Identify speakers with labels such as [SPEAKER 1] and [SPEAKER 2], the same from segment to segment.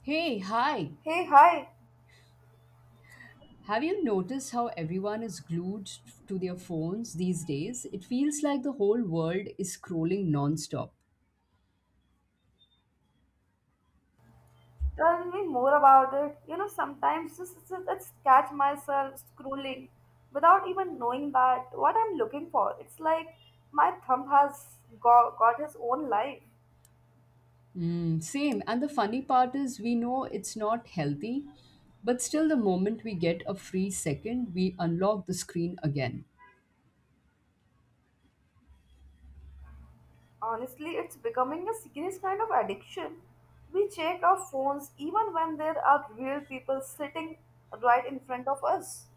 [SPEAKER 1] Hey, hi.
[SPEAKER 2] Hey, hi.
[SPEAKER 1] Have you noticed how everyone is glued to their phones these days? It feels like the whole world is scrolling nonstop.
[SPEAKER 2] Tell me more about it. You know, sometimes just catch myself scrolling without even knowing that what I'm looking for. It's like my thumb has got his own life.
[SPEAKER 1] Mm, same. And the funny part is, we know it's not healthy, but still, the moment we get a free second, we unlock the screen again.
[SPEAKER 2] Honestly, it's becoming a serious kind of addiction. We check our phones even when there are real people sitting right in front of us.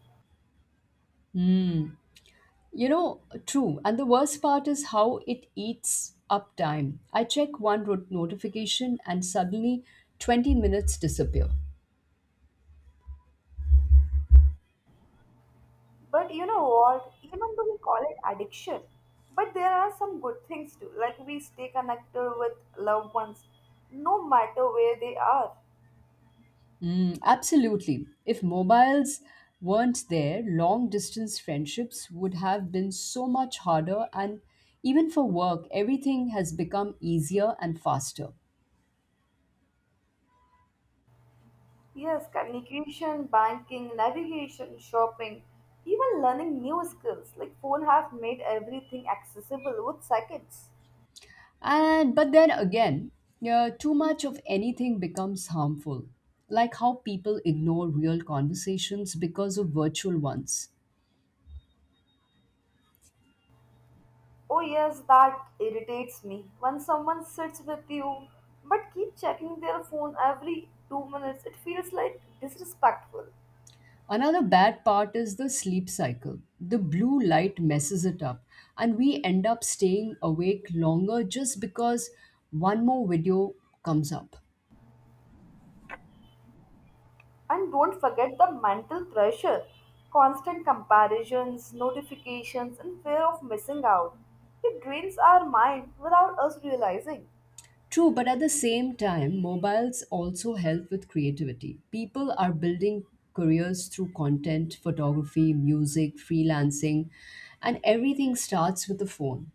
[SPEAKER 1] You know, true. And the worst part is how it eats up time. I check notification and suddenly 20 minutes disappear.
[SPEAKER 2] But you know what? Even though we call it addiction, but there are some good things too. Like we stay connected with loved ones, no matter where they are.
[SPEAKER 1] Mm, absolutely. If mobiles weren't there, long distance friendships would have been so much harder, and even for work, everything has become easier and faster.
[SPEAKER 2] Yes, communication, banking, navigation, shopping, even learning new skills. Like phone have made everything accessible with seconds.
[SPEAKER 1] And but then again, yeah, too much of anything becomes harmful, like how people ignore real conversations because of virtual ones.
[SPEAKER 2] Oh yes, that irritates me when someone sits with you but keep checking their phone every 2 minutes. It feels like disrespectful.
[SPEAKER 1] Another bad part is the sleep cycle. The blue light messes it up, and we end up staying awake longer just because one more video comes up.
[SPEAKER 2] And don't forget the mental pressure, constant comparisons, notifications, and fear of missing out. It drains our mind without us realizing.
[SPEAKER 1] True, but at the same time, mobiles also help with creativity. People are building careers through content, photography, music, freelancing, and everything starts with the phone.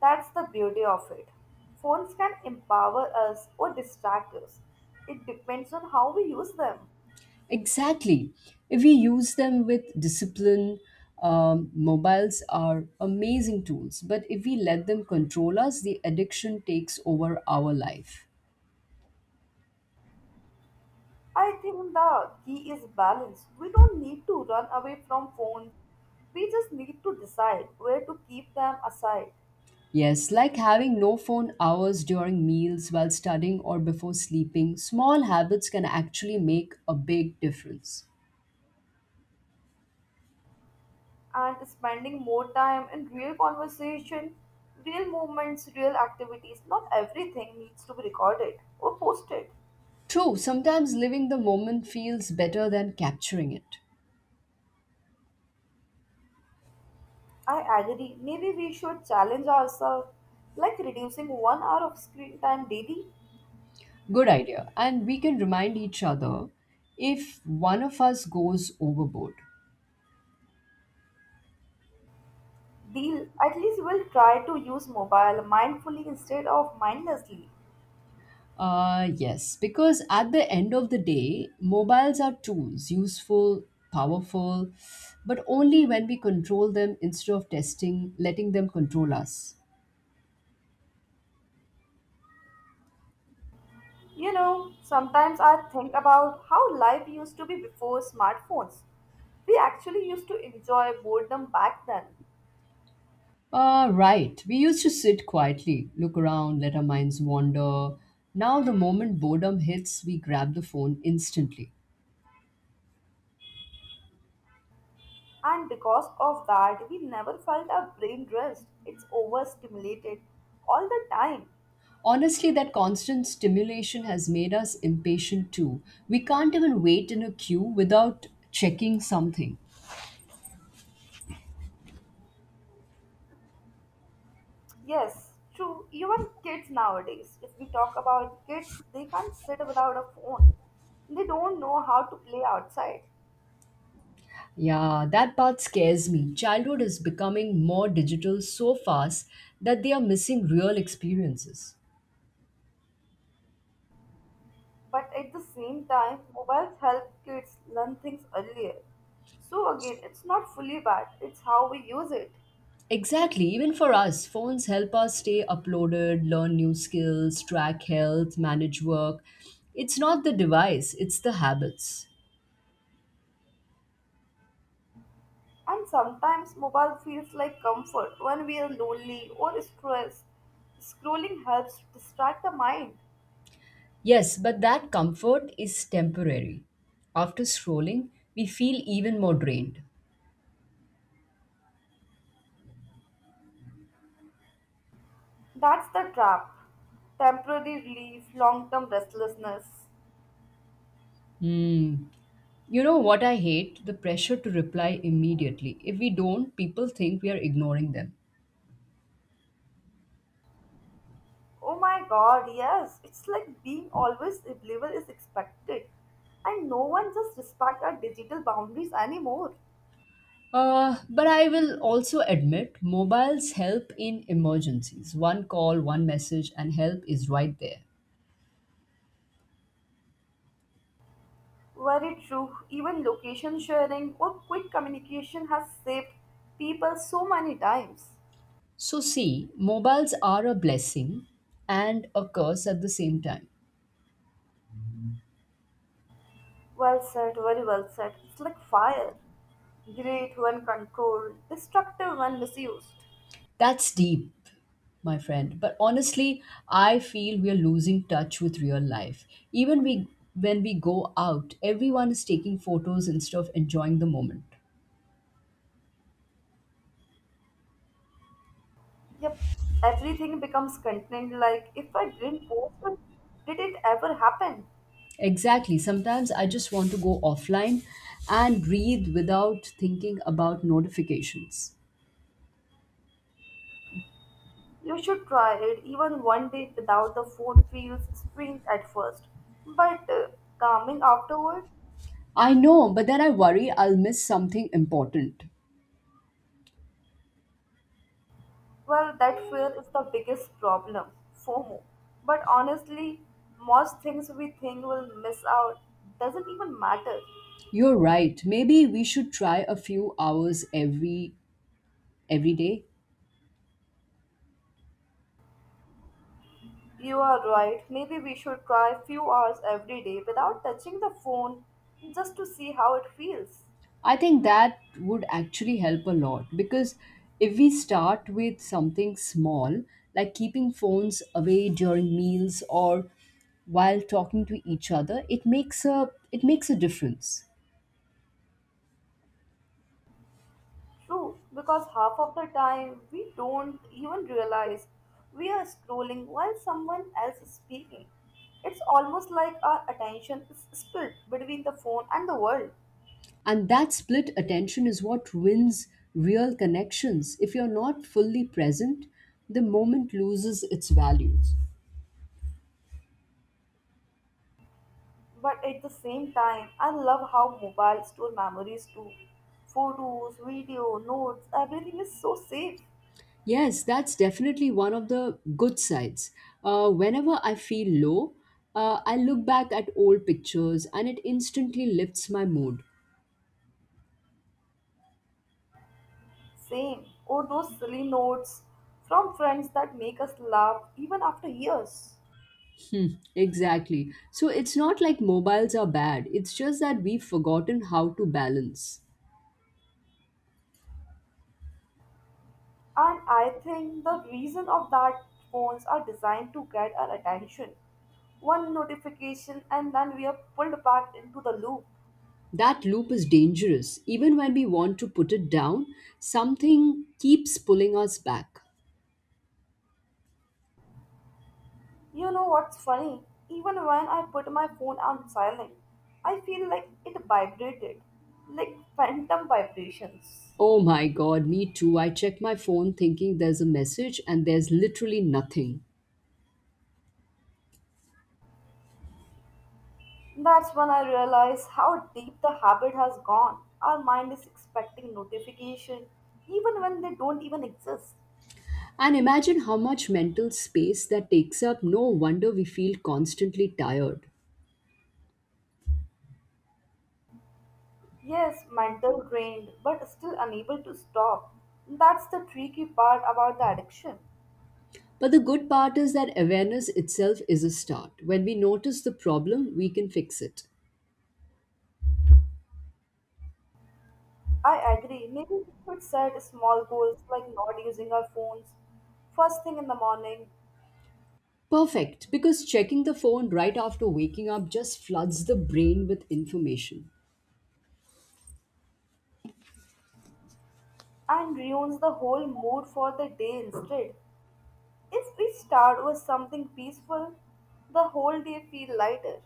[SPEAKER 2] That's the beauty of it. Phones can empower us or distract us. It depends on how we use them.
[SPEAKER 1] Exactly. If we use them with discipline, mobiles are amazing tools, but if we let them control us, the addiction takes over our life.
[SPEAKER 2] I think the key is balance. We don't need to run away from phones. We just need to decide where to keep them aside.
[SPEAKER 1] Yes, like having no phone hours during meals while studying or before sleeping, small habits can actually make a big difference.
[SPEAKER 2] And spending more time in real conversation, real movements, real activities. Not everything needs to be recorded or posted.
[SPEAKER 1] True, sometimes living the moment feels better than capturing it.
[SPEAKER 2] I agree. Maybe we should challenge ourselves, like reducing 1 hour of screen time daily.
[SPEAKER 1] Good idea. And we can remind each other if one of us goes overboard.
[SPEAKER 2] Deal. At least we'll try to use mobile mindfully instead of mindlessly.
[SPEAKER 1] Yes, because at the end of the day, mobiles are tools, useful, powerful, but only when we control them instead of testing, letting them control us.
[SPEAKER 2] You know, sometimes I think about how life used to be before smartphones. We actually used to enjoy boredom back then.
[SPEAKER 1] Right. We used to sit quietly, look around, let our minds wander. Now, the moment boredom hits, we grab the phone instantly.
[SPEAKER 2] And because of that, we never felt our brain rest. It's overstimulated all the time.
[SPEAKER 1] Honestly, that constant stimulation has made us impatient too. We can't even wait in a queue without checking something.
[SPEAKER 2] Yes, true. Even kids nowadays, if we talk about kids, they can't sit without a phone. They don't know how to play outside.
[SPEAKER 1] Yeah, that part scares me. Childhood is becoming more digital so fast that they are missing real experiences.
[SPEAKER 2] But at the same time, mobiles help kids learn things earlier. So again, it's not fully bad, it's how we use it.
[SPEAKER 1] Exactly, even for us, phones help us stay uploaded, learn new skills, track health, manage work. It's not the device, it's the habits.
[SPEAKER 2] And sometimes mobile feels like comfort when we are lonely or stressed. Scrolling helps to distract the mind.
[SPEAKER 1] Yes, but that comfort is temporary. After scrolling, we feel even more drained.
[SPEAKER 2] That's the trap. Temporary relief, long term restlessness.
[SPEAKER 1] Hmm. You know what I hate? The pressure to reply immediately. If we don't, people think we are ignoring them.
[SPEAKER 2] Oh my god, yes. It's like being always available is expected. And no one just respect our digital boundaries anymore.
[SPEAKER 1] But I will also admit mobiles help in emergencies. One call, one message, and help is right there.
[SPEAKER 2] Very true. Even location sharing or quick communication has saved people so many times.
[SPEAKER 1] So, see, mobiles are a blessing and a curse at the same time.
[SPEAKER 2] Well said, very well said. It's like fire. Great when controlled, destructive when misused.
[SPEAKER 1] That's deep, my friend. But honestly, I feel we are losing touch with real life. Even we, when we go out, everyone is taking photos instead of enjoying the moment.
[SPEAKER 2] Yep, everything becomes contained like if I didn't post it, did it ever happen?
[SPEAKER 1] Exactly. Sometimes I just want to go offline and breathe without thinking about notifications.
[SPEAKER 2] You should try it. Even one day without the phone feels strange at first, but calming afterward.
[SPEAKER 1] I know, but then I worry I'll miss something important.
[SPEAKER 2] Well, that fear is the biggest problem, FOMO. But honestly, most things we think will miss out doesn't even matter.
[SPEAKER 1] You're right. Maybe we should try a few hours every day.
[SPEAKER 2] You are right. Maybe we should try a few hours every day without touching the phone just to see how it feels.
[SPEAKER 1] I think that would actually help a lot because if we start with something small like keeping phones away during meals or while talking to each other, it makes a difference.
[SPEAKER 2] True, because half of the time we don't even realize we are scrolling while someone else is speaking. It's almost like our attention is split between the phone and the world.
[SPEAKER 1] And that split attention is what wins real connections. If you're not fully present, the moment loses its values.
[SPEAKER 2] But at the same time, I love how mobile store memories too. Photos, video, notes, everything is so safe.
[SPEAKER 1] Yes, that's definitely one of the good sides. Whenever I feel low, I look back at old pictures and it instantly lifts my mood.
[SPEAKER 2] Same. Or those silly notes from friends that make us laugh even after years.
[SPEAKER 1] Hmm, exactly. So it's not like mobiles are bad, it's just that we've forgotten how to balance.
[SPEAKER 2] And I think the reason of that phones are designed to get our attention. One notification and then we are pulled back into the loop.
[SPEAKER 1] That loop is dangerous. Even when we want to put it down, something keeps pulling us back.
[SPEAKER 2] You know what's funny? Even when I put my phone on silent, I feel like it vibrated, like phantom vibrations.
[SPEAKER 1] Oh my god, me too. I check my phone thinking there's a message and there's literally nothing.
[SPEAKER 2] That's when I realize how deep the habit has gone. Our mind is expecting notification even when they don't even exist.
[SPEAKER 1] And imagine how much mental space that takes up. No wonder we feel constantly tired.
[SPEAKER 2] Yes, mental drained, but still unable to stop. That's the tricky part about the addiction.
[SPEAKER 1] But the good part is that awareness itself is a start. When we notice the problem, we can fix it.
[SPEAKER 2] I agree. Maybe we should set small goals like not using our phones first thing in the morning
[SPEAKER 1] Perfect, because checking the phone right after waking up just floods the brain with information.
[SPEAKER 2] and ruins the whole mood for the day instead. If we start with something peaceful, the whole day feel lighter.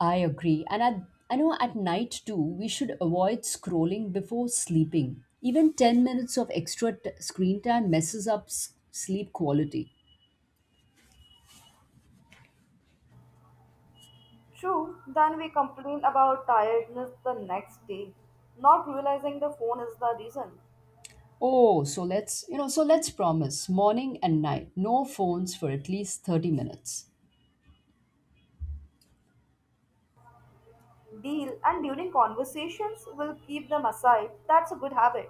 [SPEAKER 1] I agree. And at, I know at night too, we should avoid scrolling before sleeping. Even 10 minutes of extra screen time messes up sleep quality.
[SPEAKER 2] True, then we complain about tiredness the next day, not realizing the phone is the reason.
[SPEAKER 1] Oh, so so let's promise morning and night, no phones for at least 30 minutes.
[SPEAKER 2] Deal and during conversations, we'll keep them aside. That's a good habit.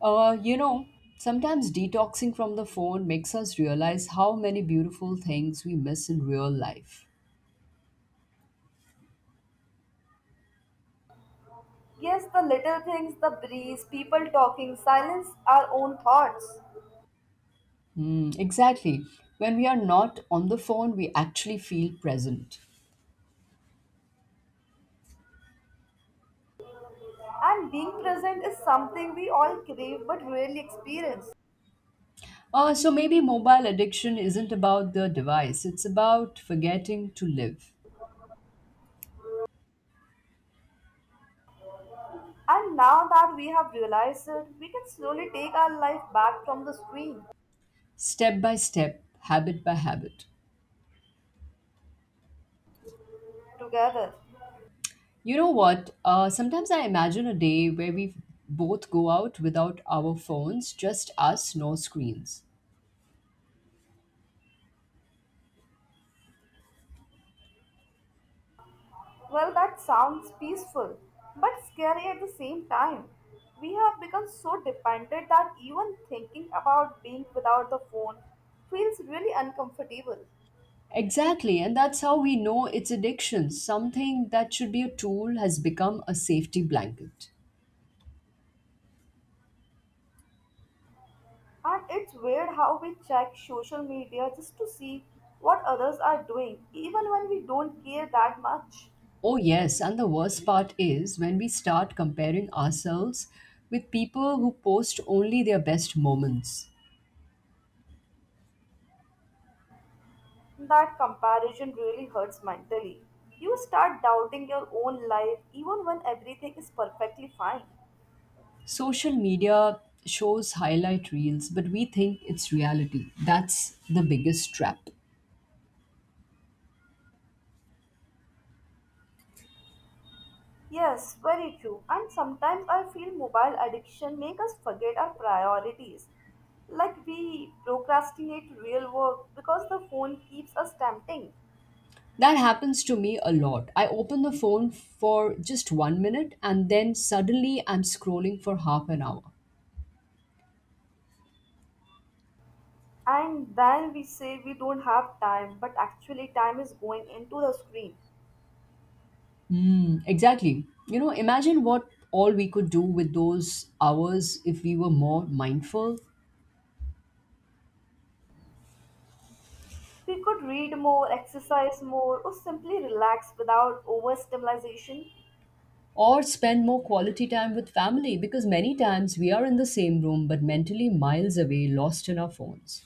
[SPEAKER 1] Uh, you know, Sometimes detoxing from the phone makes us realize how many beautiful things we miss in real life.
[SPEAKER 2] Yes, the little things, the breeze, people talking, silence, our own thoughts.
[SPEAKER 1] Mm, exactly. When we are not on the phone, we actually feel present.
[SPEAKER 2] And being present is something we all crave but rarely experience.
[SPEAKER 1] So maybe mobile addiction isn't about the device, it's about forgetting to live,
[SPEAKER 2] And now that we have realized it, we can slowly take our life back from the screen
[SPEAKER 1] step by step, habit by habit.
[SPEAKER 2] together.
[SPEAKER 1] You know what? Sometimes I imagine a day where we both go out without our phones, just us, no screens.
[SPEAKER 2] Well, that sounds peaceful, but scary at the same time. We have become so dependent that even thinking about being without the phone feels really uncomfortable.
[SPEAKER 1] Exactly, and that's how we know it's addiction. Something that should be a tool has become a safety blanket.
[SPEAKER 2] And it's weird how we check social media just to see what others are doing, even when we don't care that much.
[SPEAKER 1] Oh, yes, and the worst part is when we start comparing ourselves with people who post only their best moments.
[SPEAKER 2] That comparison really hurts mentally. You start doubting your own life even when everything is perfectly fine.
[SPEAKER 1] Social media shows highlight reels, but we think it's reality. That's the biggest trap.
[SPEAKER 2] Yes, very true. And sometimes I feel mobile addiction make us forget our priorities. Like we procrastinate real work because the phone keeps us tempting.
[SPEAKER 1] That happens to me a lot. I open the phone for just one minute and then suddenly I'm scrolling for half an hour.
[SPEAKER 2] And then we say we don't have time, but actually time is going into the screen.
[SPEAKER 1] Mm, exactly. You know, imagine what all we could do with those hours if we were more mindful
[SPEAKER 2] We could read more, exercise more, or simply relax without overstimulation.
[SPEAKER 1] or spend more quality time with family because many times we are in the same room but mentally miles away, lost in our phones.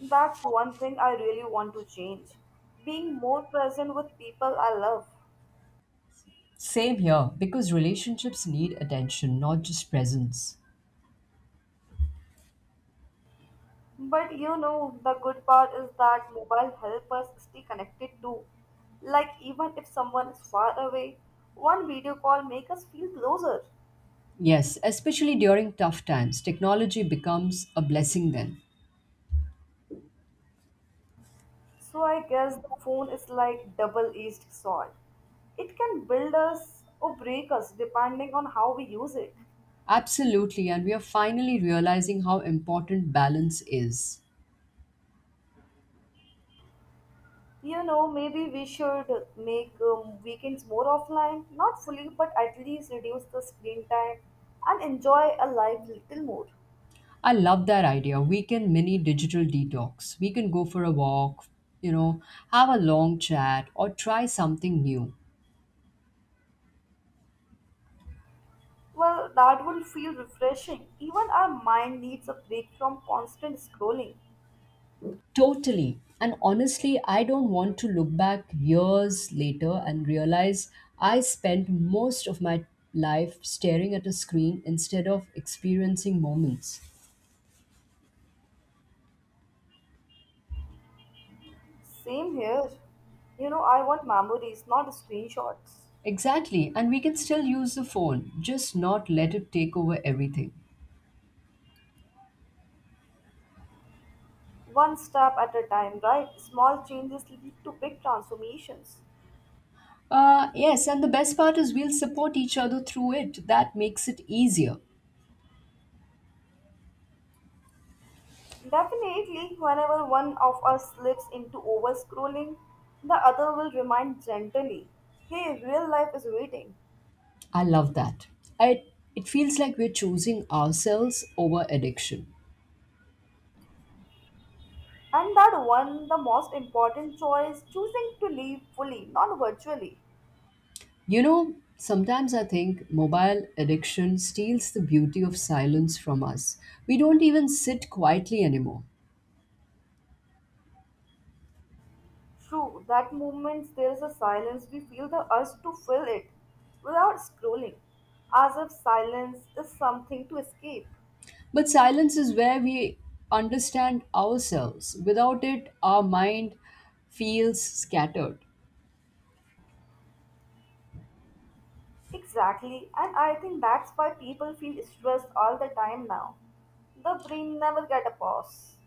[SPEAKER 2] That's one thing I really want to change. Being more present with people I love.
[SPEAKER 1] Same here, because relationships need attention, not just presence.
[SPEAKER 2] But you know, the good part is that mobile help us stay connected too. Like even if someone is far away, one video call make us feel closer.
[SPEAKER 1] Yes, especially during tough times, technology becomes a blessing then.
[SPEAKER 2] So I guess the phone is like double-edged sword. It can build us or break us depending on how we use it.
[SPEAKER 1] Absolutely, and we are finally realizing how important balance is.
[SPEAKER 2] You know, maybe we should make weekends more offline, not fully, but at least reduce the screen time and enjoy a life little more.
[SPEAKER 1] I love that idea. We can mini digital detox. We can go for a walk, you know, have a long chat, or try something new.
[SPEAKER 2] Well, that would feel refreshing. Even our mind needs a break from constant scrolling.
[SPEAKER 1] Totally. And honestly, I don't want to look back years later and realize I spent most of my life staring at a screen instead of experiencing moments.
[SPEAKER 2] Same here. You know, I want memories, not screenshots.
[SPEAKER 1] Exactly. And we can still use the phone, just not let it take over everything.
[SPEAKER 2] One step at a time, right? Small changes lead to big transformations.
[SPEAKER 1] Yes, and the best part is we'll support each other through it. That makes it easier.
[SPEAKER 2] Definitely, whenever one of us slips into over scrolling, the other will remind gently, hey, real life is waiting.
[SPEAKER 1] I love that. I, it feels like we're choosing ourselves over addiction.
[SPEAKER 2] And that one, the most important choice, choosing to live fully, not virtually.
[SPEAKER 1] You know, sometimes I think mobile addiction steals the beauty of silence from us. We don't even sit quietly anymore.
[SPEAKER 2] True, that moment there is a silence, we feel the urge to fill it without scrolling, as if silence is something to escape.
[SPEAKER 1] But silence is where we understand ourselves. Without it, our mind feels scattered.
[SPEAKER 2] Exactly, and I think that's why people feel stressed all the time now. The brain never get a pause.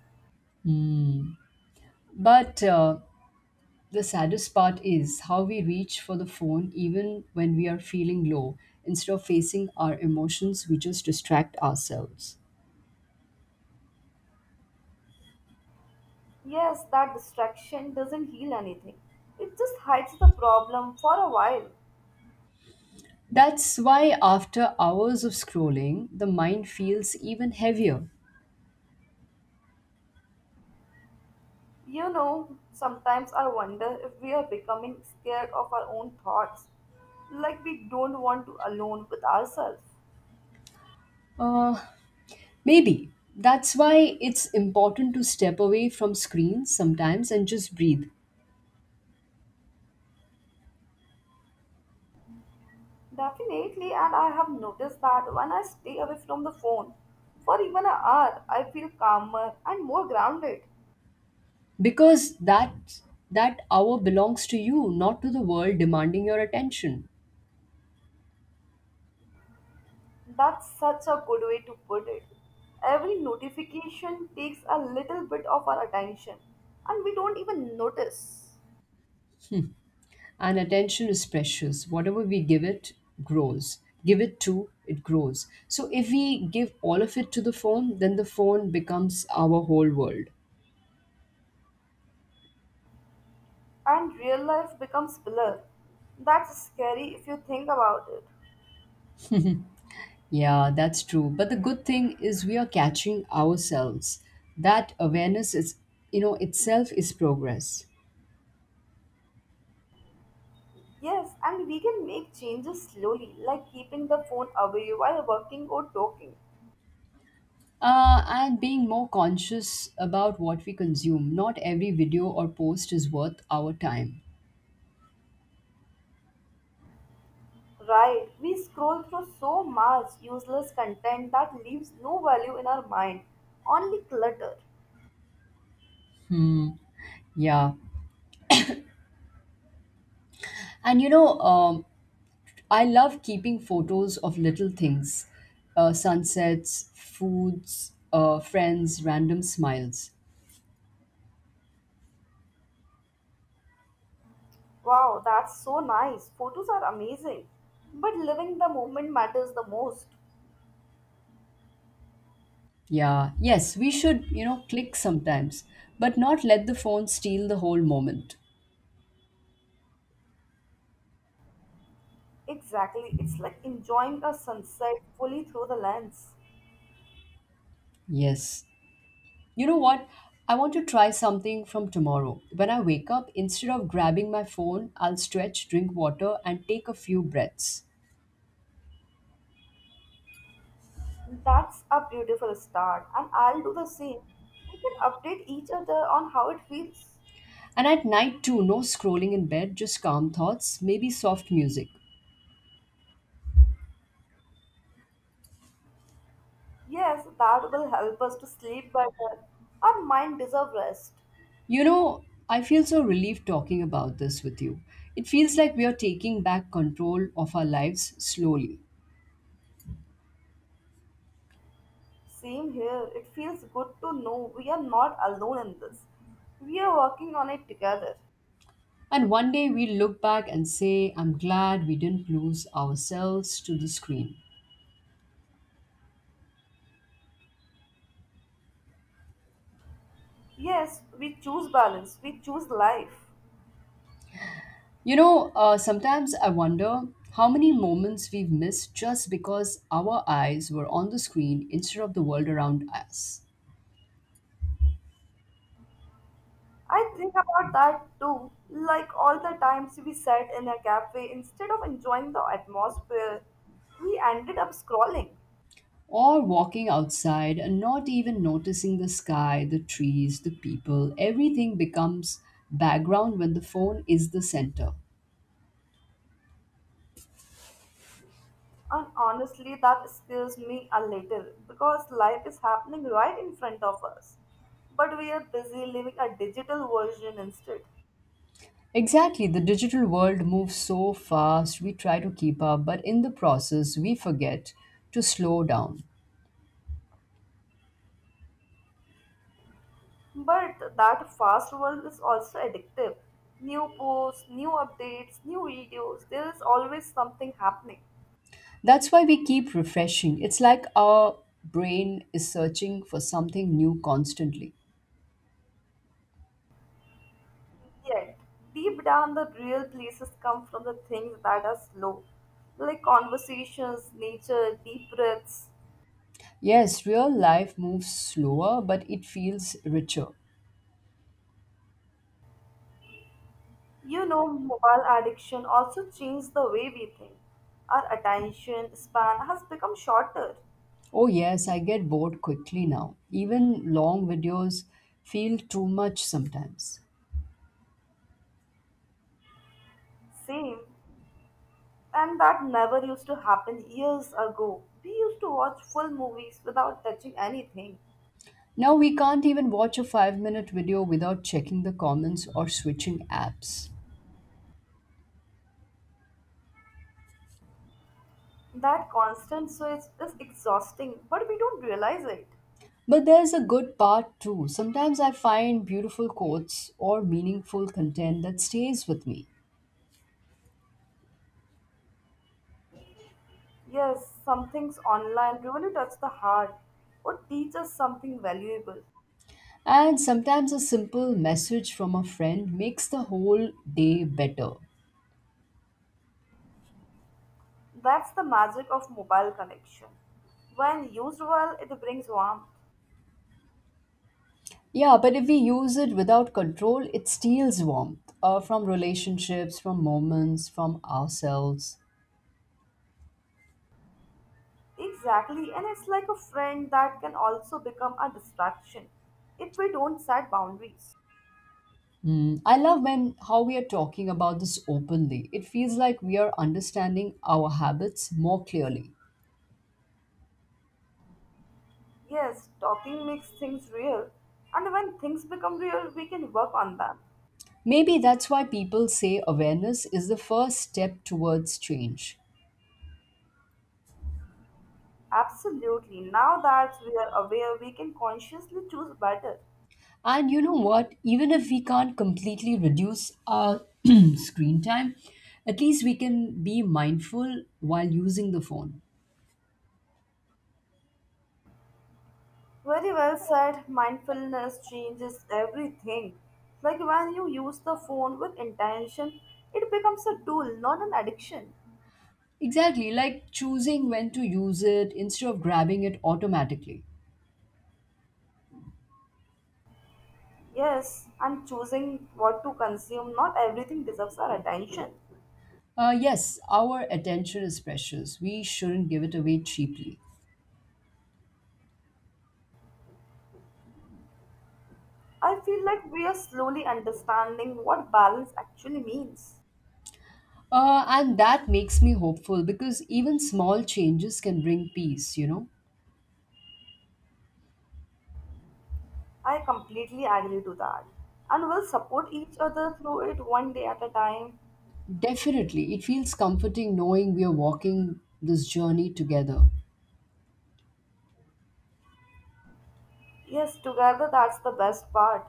[SPEAKER 1] But the saddest part is how we reach for the phone even when we are feeling low. Instead of facing our emotions, we just distract ourselves.
[SPEAKER 2] Yes, that distraction doesn't heal anything. It just hides the problem for a while.
[SPEAKER 1] That's why, after hours of scrolling, the mind feels even heavier.
[SPEAKER 2] You know, sometimes I wonder if we are becoming scared of our own thoughts, like we don't want to alone with ourselves.
[SPEAKER 1] Uh, Maybe. That's why it's important to step away from screens sometimes and just breathe.
[SPEAKER 2] Definitely, and I have noticed that when I stay away from the phone for even an hour, I feel calmer and more grounded.
[SPEAKER 1] Because that hour belongs to you, not to the world demanding your attention.
[SPEAKER 2] That's such a good way to put it. Every notification takes a little bit of our attention, and we don't even notice.
[SPEAKER 1] And attention is precious. Whatever we give it grows. Give it to, it grows. So if we give all of it to the phone, then the phone becomes our whole world.
[SPEAKER 2] And real life becomes blur. That's scary if you think about it.
[SPEAKER 1] Yeah, that's true. But the good thing is we are catching ourselves. That awareness is, itself is progress.
[SPEAKER 2] Yes, and we can make changes slowly, like keeping the phone away while working or talking.
[SPEAKER 1] And being more conscious about what we consume. Not every video or post is worth our time.
[SPEAKER 2] Right, we scroll through so much useless content that leaves no value in our mind, only clutter.
[SPEAKER 1] Yeah. And I love keeping photos of little things, sunsets, foods, friends, random smiles.
[SPEAKER 2] Wow, that's so nice. Photos are amazing. But living the moment matters the most.
[SPEAKER 1] Yeah. Yes, we should, click sometimes, but not let the phone steal the whole moment.
[SPEAKER 2] Exactly, it's like enjoying a sunset fully through the lens.
[SPEAKER 1] Yes. You know what? I want to try something from tomorrow. When I wake up, instead of grabbing my phone, I'll stretch, drink water, and take a few breaths.
[SPEAKER 2] That's a beautiful start, and I'll do the same. We can update each other on how it feels.
[SPEAKER 1] And at night, too, no scrolling in bed, just calm thoughts, maybe soft music.
[SPEAKER 2] Yes, that will help us to sleep better. Our mind deserves rest.
[SPEAKER 1] You know, I feel so relieved talking about this with you. It feels like we are taking back control of our lives slowly.
[SPEAKER 2] Same here. It feels good to know we are not alone in this. We are working on it together.
[SPEAKER 1] And one day we'll look back and say, I'm glad we didn't lose ourselves to the screen.
[SPEAKER 2] Yes, we choose balance, we choose life.
[SPEAKER 1] Sometimes I wonder how many moments we've missed just because our eyes were on the screen instead of the world around us.
[SPEAKER 2] I think about that too, like all the times we sat in a cafe instead of enjoying the atmosphere, we ended up scrolling.
[SPEAKER 1] Or walking outside and not even noticing the sky, the trees, the people, everything becomes background when the phone is the center.
[SPEAKER 2] And honestly, that scares me a little because life is happening right in front of us. But we are busy living a digital version instead.
[SPEAKER 1] Exactly, the digital world moves so fast, we try to keep up, but in the process, we forget to slow down.
[SPEAKER 2] But that fast world is also addictive. New posts, new updates, new videos, there is always something happening.
[SPEAKER 1] That's why we keep refreshing. It's like our brain is searching for something new constantly.
[SPEAKER 2] Yet, deep down, the real places come from the things that are slow, like conversations, nature, deep breaths.
[SPEAKER 1] Yes, real life moves slower, but it feels richer.
[SPEAKER 2] You know, mobile addiction also changed the way we think. Our attention span has become shorter.
[SPEAKER 1] Oh, yes, I get bored quickly now. Even long videos feel too much sometimes.
[SPEAKER 2] Same. And that never used to happen years ago. We used to watch full movies without touching anything.
[SPEAKER 1] Now we can't even watch a 5-minute video without checking the comments or switching apps.
[SPEAKER 2] That constant switch is exhausting, but we don't realize it.
[SPEAKER 1] But there's a good part too. Sometimes I find beautiful quotes or meaningful content that stays with me.
[SPEAKER 2] Yes, some things online really touch the heart or teach us something valuable.
[SPEAKER 1] And sometimes a simple message from a friend makes the whole day better.
[SPEAKER 2] That's the magic of mobile connection. When used well, it brings warmth.
[SPEAKER 1] Yeah, but if we use it without control, it steals warmth from relationships, from moments, from ourselves.
[SPEAKER 2] Exactly, and it's like a friend that can also become a distraction if we don't set boundaries.
[SPEAKER 1] Mm, I love when how we are talking about this openly. It feels like we are understanding our habits more clearly.
[SPEAKER 2] Yes, talking makes things real, and when things become real, we can work on them.
[SPEAKER 1] Maybe that's why people say awareness is the first step towards change.
[SPEAKER 2] Absolutely. Now that we are aware, we can consciously choose better.
[SPEAKER 1] And you know what? Even if we can't completely reduce our screen time, at least we can be mindful while using the phone.
[SPEAKER 2] Very well said. Mindfulness changes everything. Like when you use the phone with intention, it becomes a tool, not an addiction.
[SPEAKER 1] Exactly, like choosing when to use it instead of grabbing it automatically.
[SPEAKER 2] Yes, and choosing what to consume, not everything deserves our attention.
[SPEAKER 1] Yes, our attention is precious. We shouldn't give it away cheaply.
[SPEAKER 2] I feel like we are slowly understanding what balance actually means.
[SPEAKER 1] And that makes me hopeful because even small changes can bring peace, you know?
[SPEAKER 2] I completely agree to that. And we'll support each other through it one day at a time.
[SPEAKER 1] Definitely. It feels comforting knowing we are walking this journey together.
[SPEAKER 2] Yes, together that's the best part.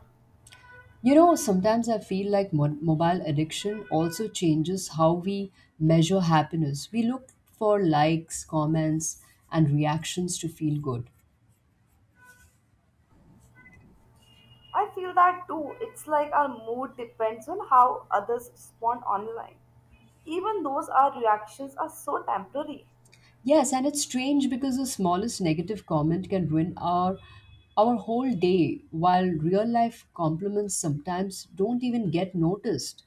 [SPEAKER 1] You know, sometimes I feel like mobile addiction also changes how we measure happiness. We look for likes, comments, and reactions to feel good.
[SPEAKER 2] I feel that too. It's like our mood depends on how others respond online. Even those our reactions are so temporary.
[SPEAKER 1] Yes, and it's strange because the smallest negative comment can ruin our whole day, while real life compliments sometimes don't even get noticed.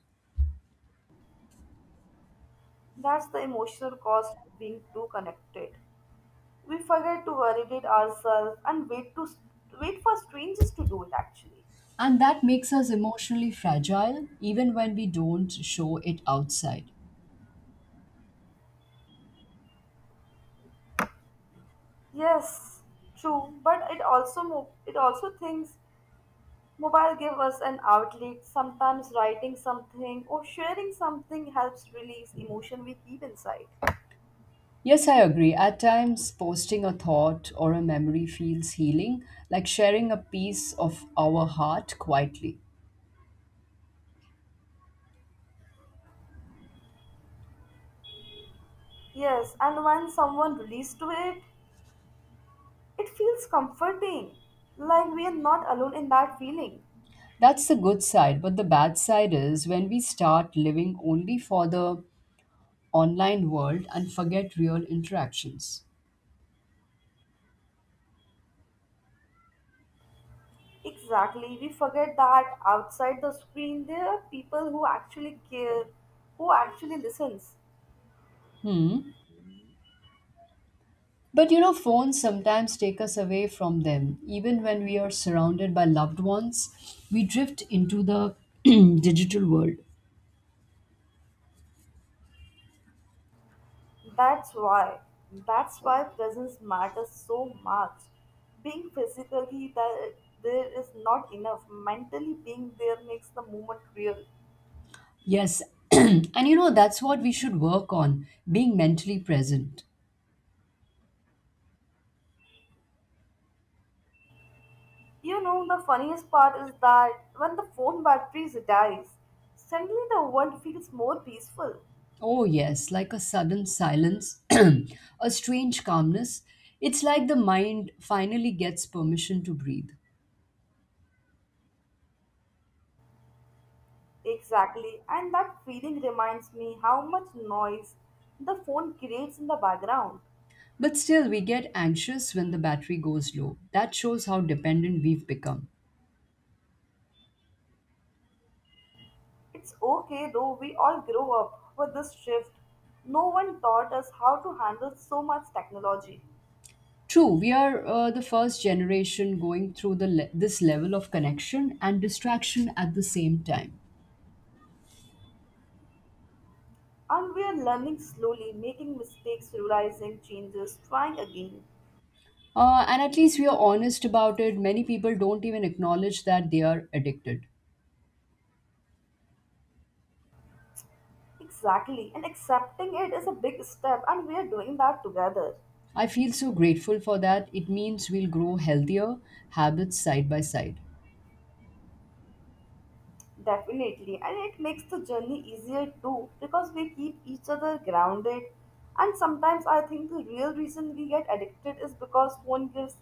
[SPEAKER 2] That's the emotional cost of being too connected. We forget to validate ourselves and wait for strangers to do it actually.
[SPEAKER 1] And that makes us emotionally fragile even when we don't show it outside.
[SPEAKER 2] Yes, true, but it also it also thinks mobile give us an outlet. Sometimes writing something or sharing something helps release emotion we keep inside.
[SPEAKER 1] Yes, I agree. At times, posting a thought or a memory feels healing, like sharing a piece of our heart quietly.
[SPEAKER 2] Yes, and when someone releases to it, it feels comforting. Like we are not alone in that feeling.
[SPEAKER 1] That's the good side, but the bad side is when we start living only for the online world and forget real interactions.
[SPEAKER 2] Exactly. We forget that outside the screen there are people who actually care, who actually listens.
[SPEAKER 1] Hmm. But you know, phones sometimes take us away from them. Even when we are surrounded by loved ones, we drift into the digital world.
[SPEAKER 2] That's why. That's why presence matters so much. Being physically there, there is not enough. Mentally being there makes the moment real.
[SPEAKER 1] Yes, and you know, that's what we should work on being mentally present.
[SPEAKER 2] You know, the funniest part is that when the phone batteries dies, suddenly the world feels more peaceful.
[SPEAKER 1] Oh, yes, like a sudden silence, a strange calmness. It's like the mind finally gets permission to breathe.
[SPEAKER 2] Exactly, and that feeling reminds me how much noise the phone creates in the background.
[SPEAKER 1] But still, we get anxious when the battery goes low. That shows how dependent we've become.
[SPEAKER 2] It's okay though, we all grow up with this shift. No one taught us how to handle so much technology.
[SPEAKER 1] True, we are the first generation going through this level of connection and distraction at the same time.
[SPEAKER 2] And we are learning slowly, making mistakes, realizing changes, trying again.
[SPEAKER 1] And at least we are honest about it. Many people don't even acknowledge that they are addicted.
[SPEAKER 2] Exactly, and accepting it is a big step, and we are doing that together.
[SPEAKER 1] I feel so grateful for that. It means we'll grow healthier habits side by side.
[SPEAKER 2] Definitely, and it makes the journey easier too because we keep each other grounded. And sometimes I think the real reason we get addicted is because phone gives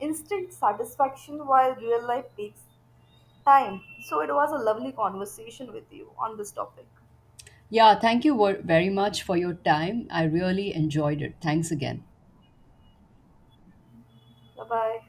[SPEAKER 2] instant satisfaction while real life takes time. So it was a lovely conversation with you on this topic.
[SPEAKER 1] Yeah, thank you very much for your time. I really enjoyed it. Thanks again.
[SPEAKER 2] Bye bye.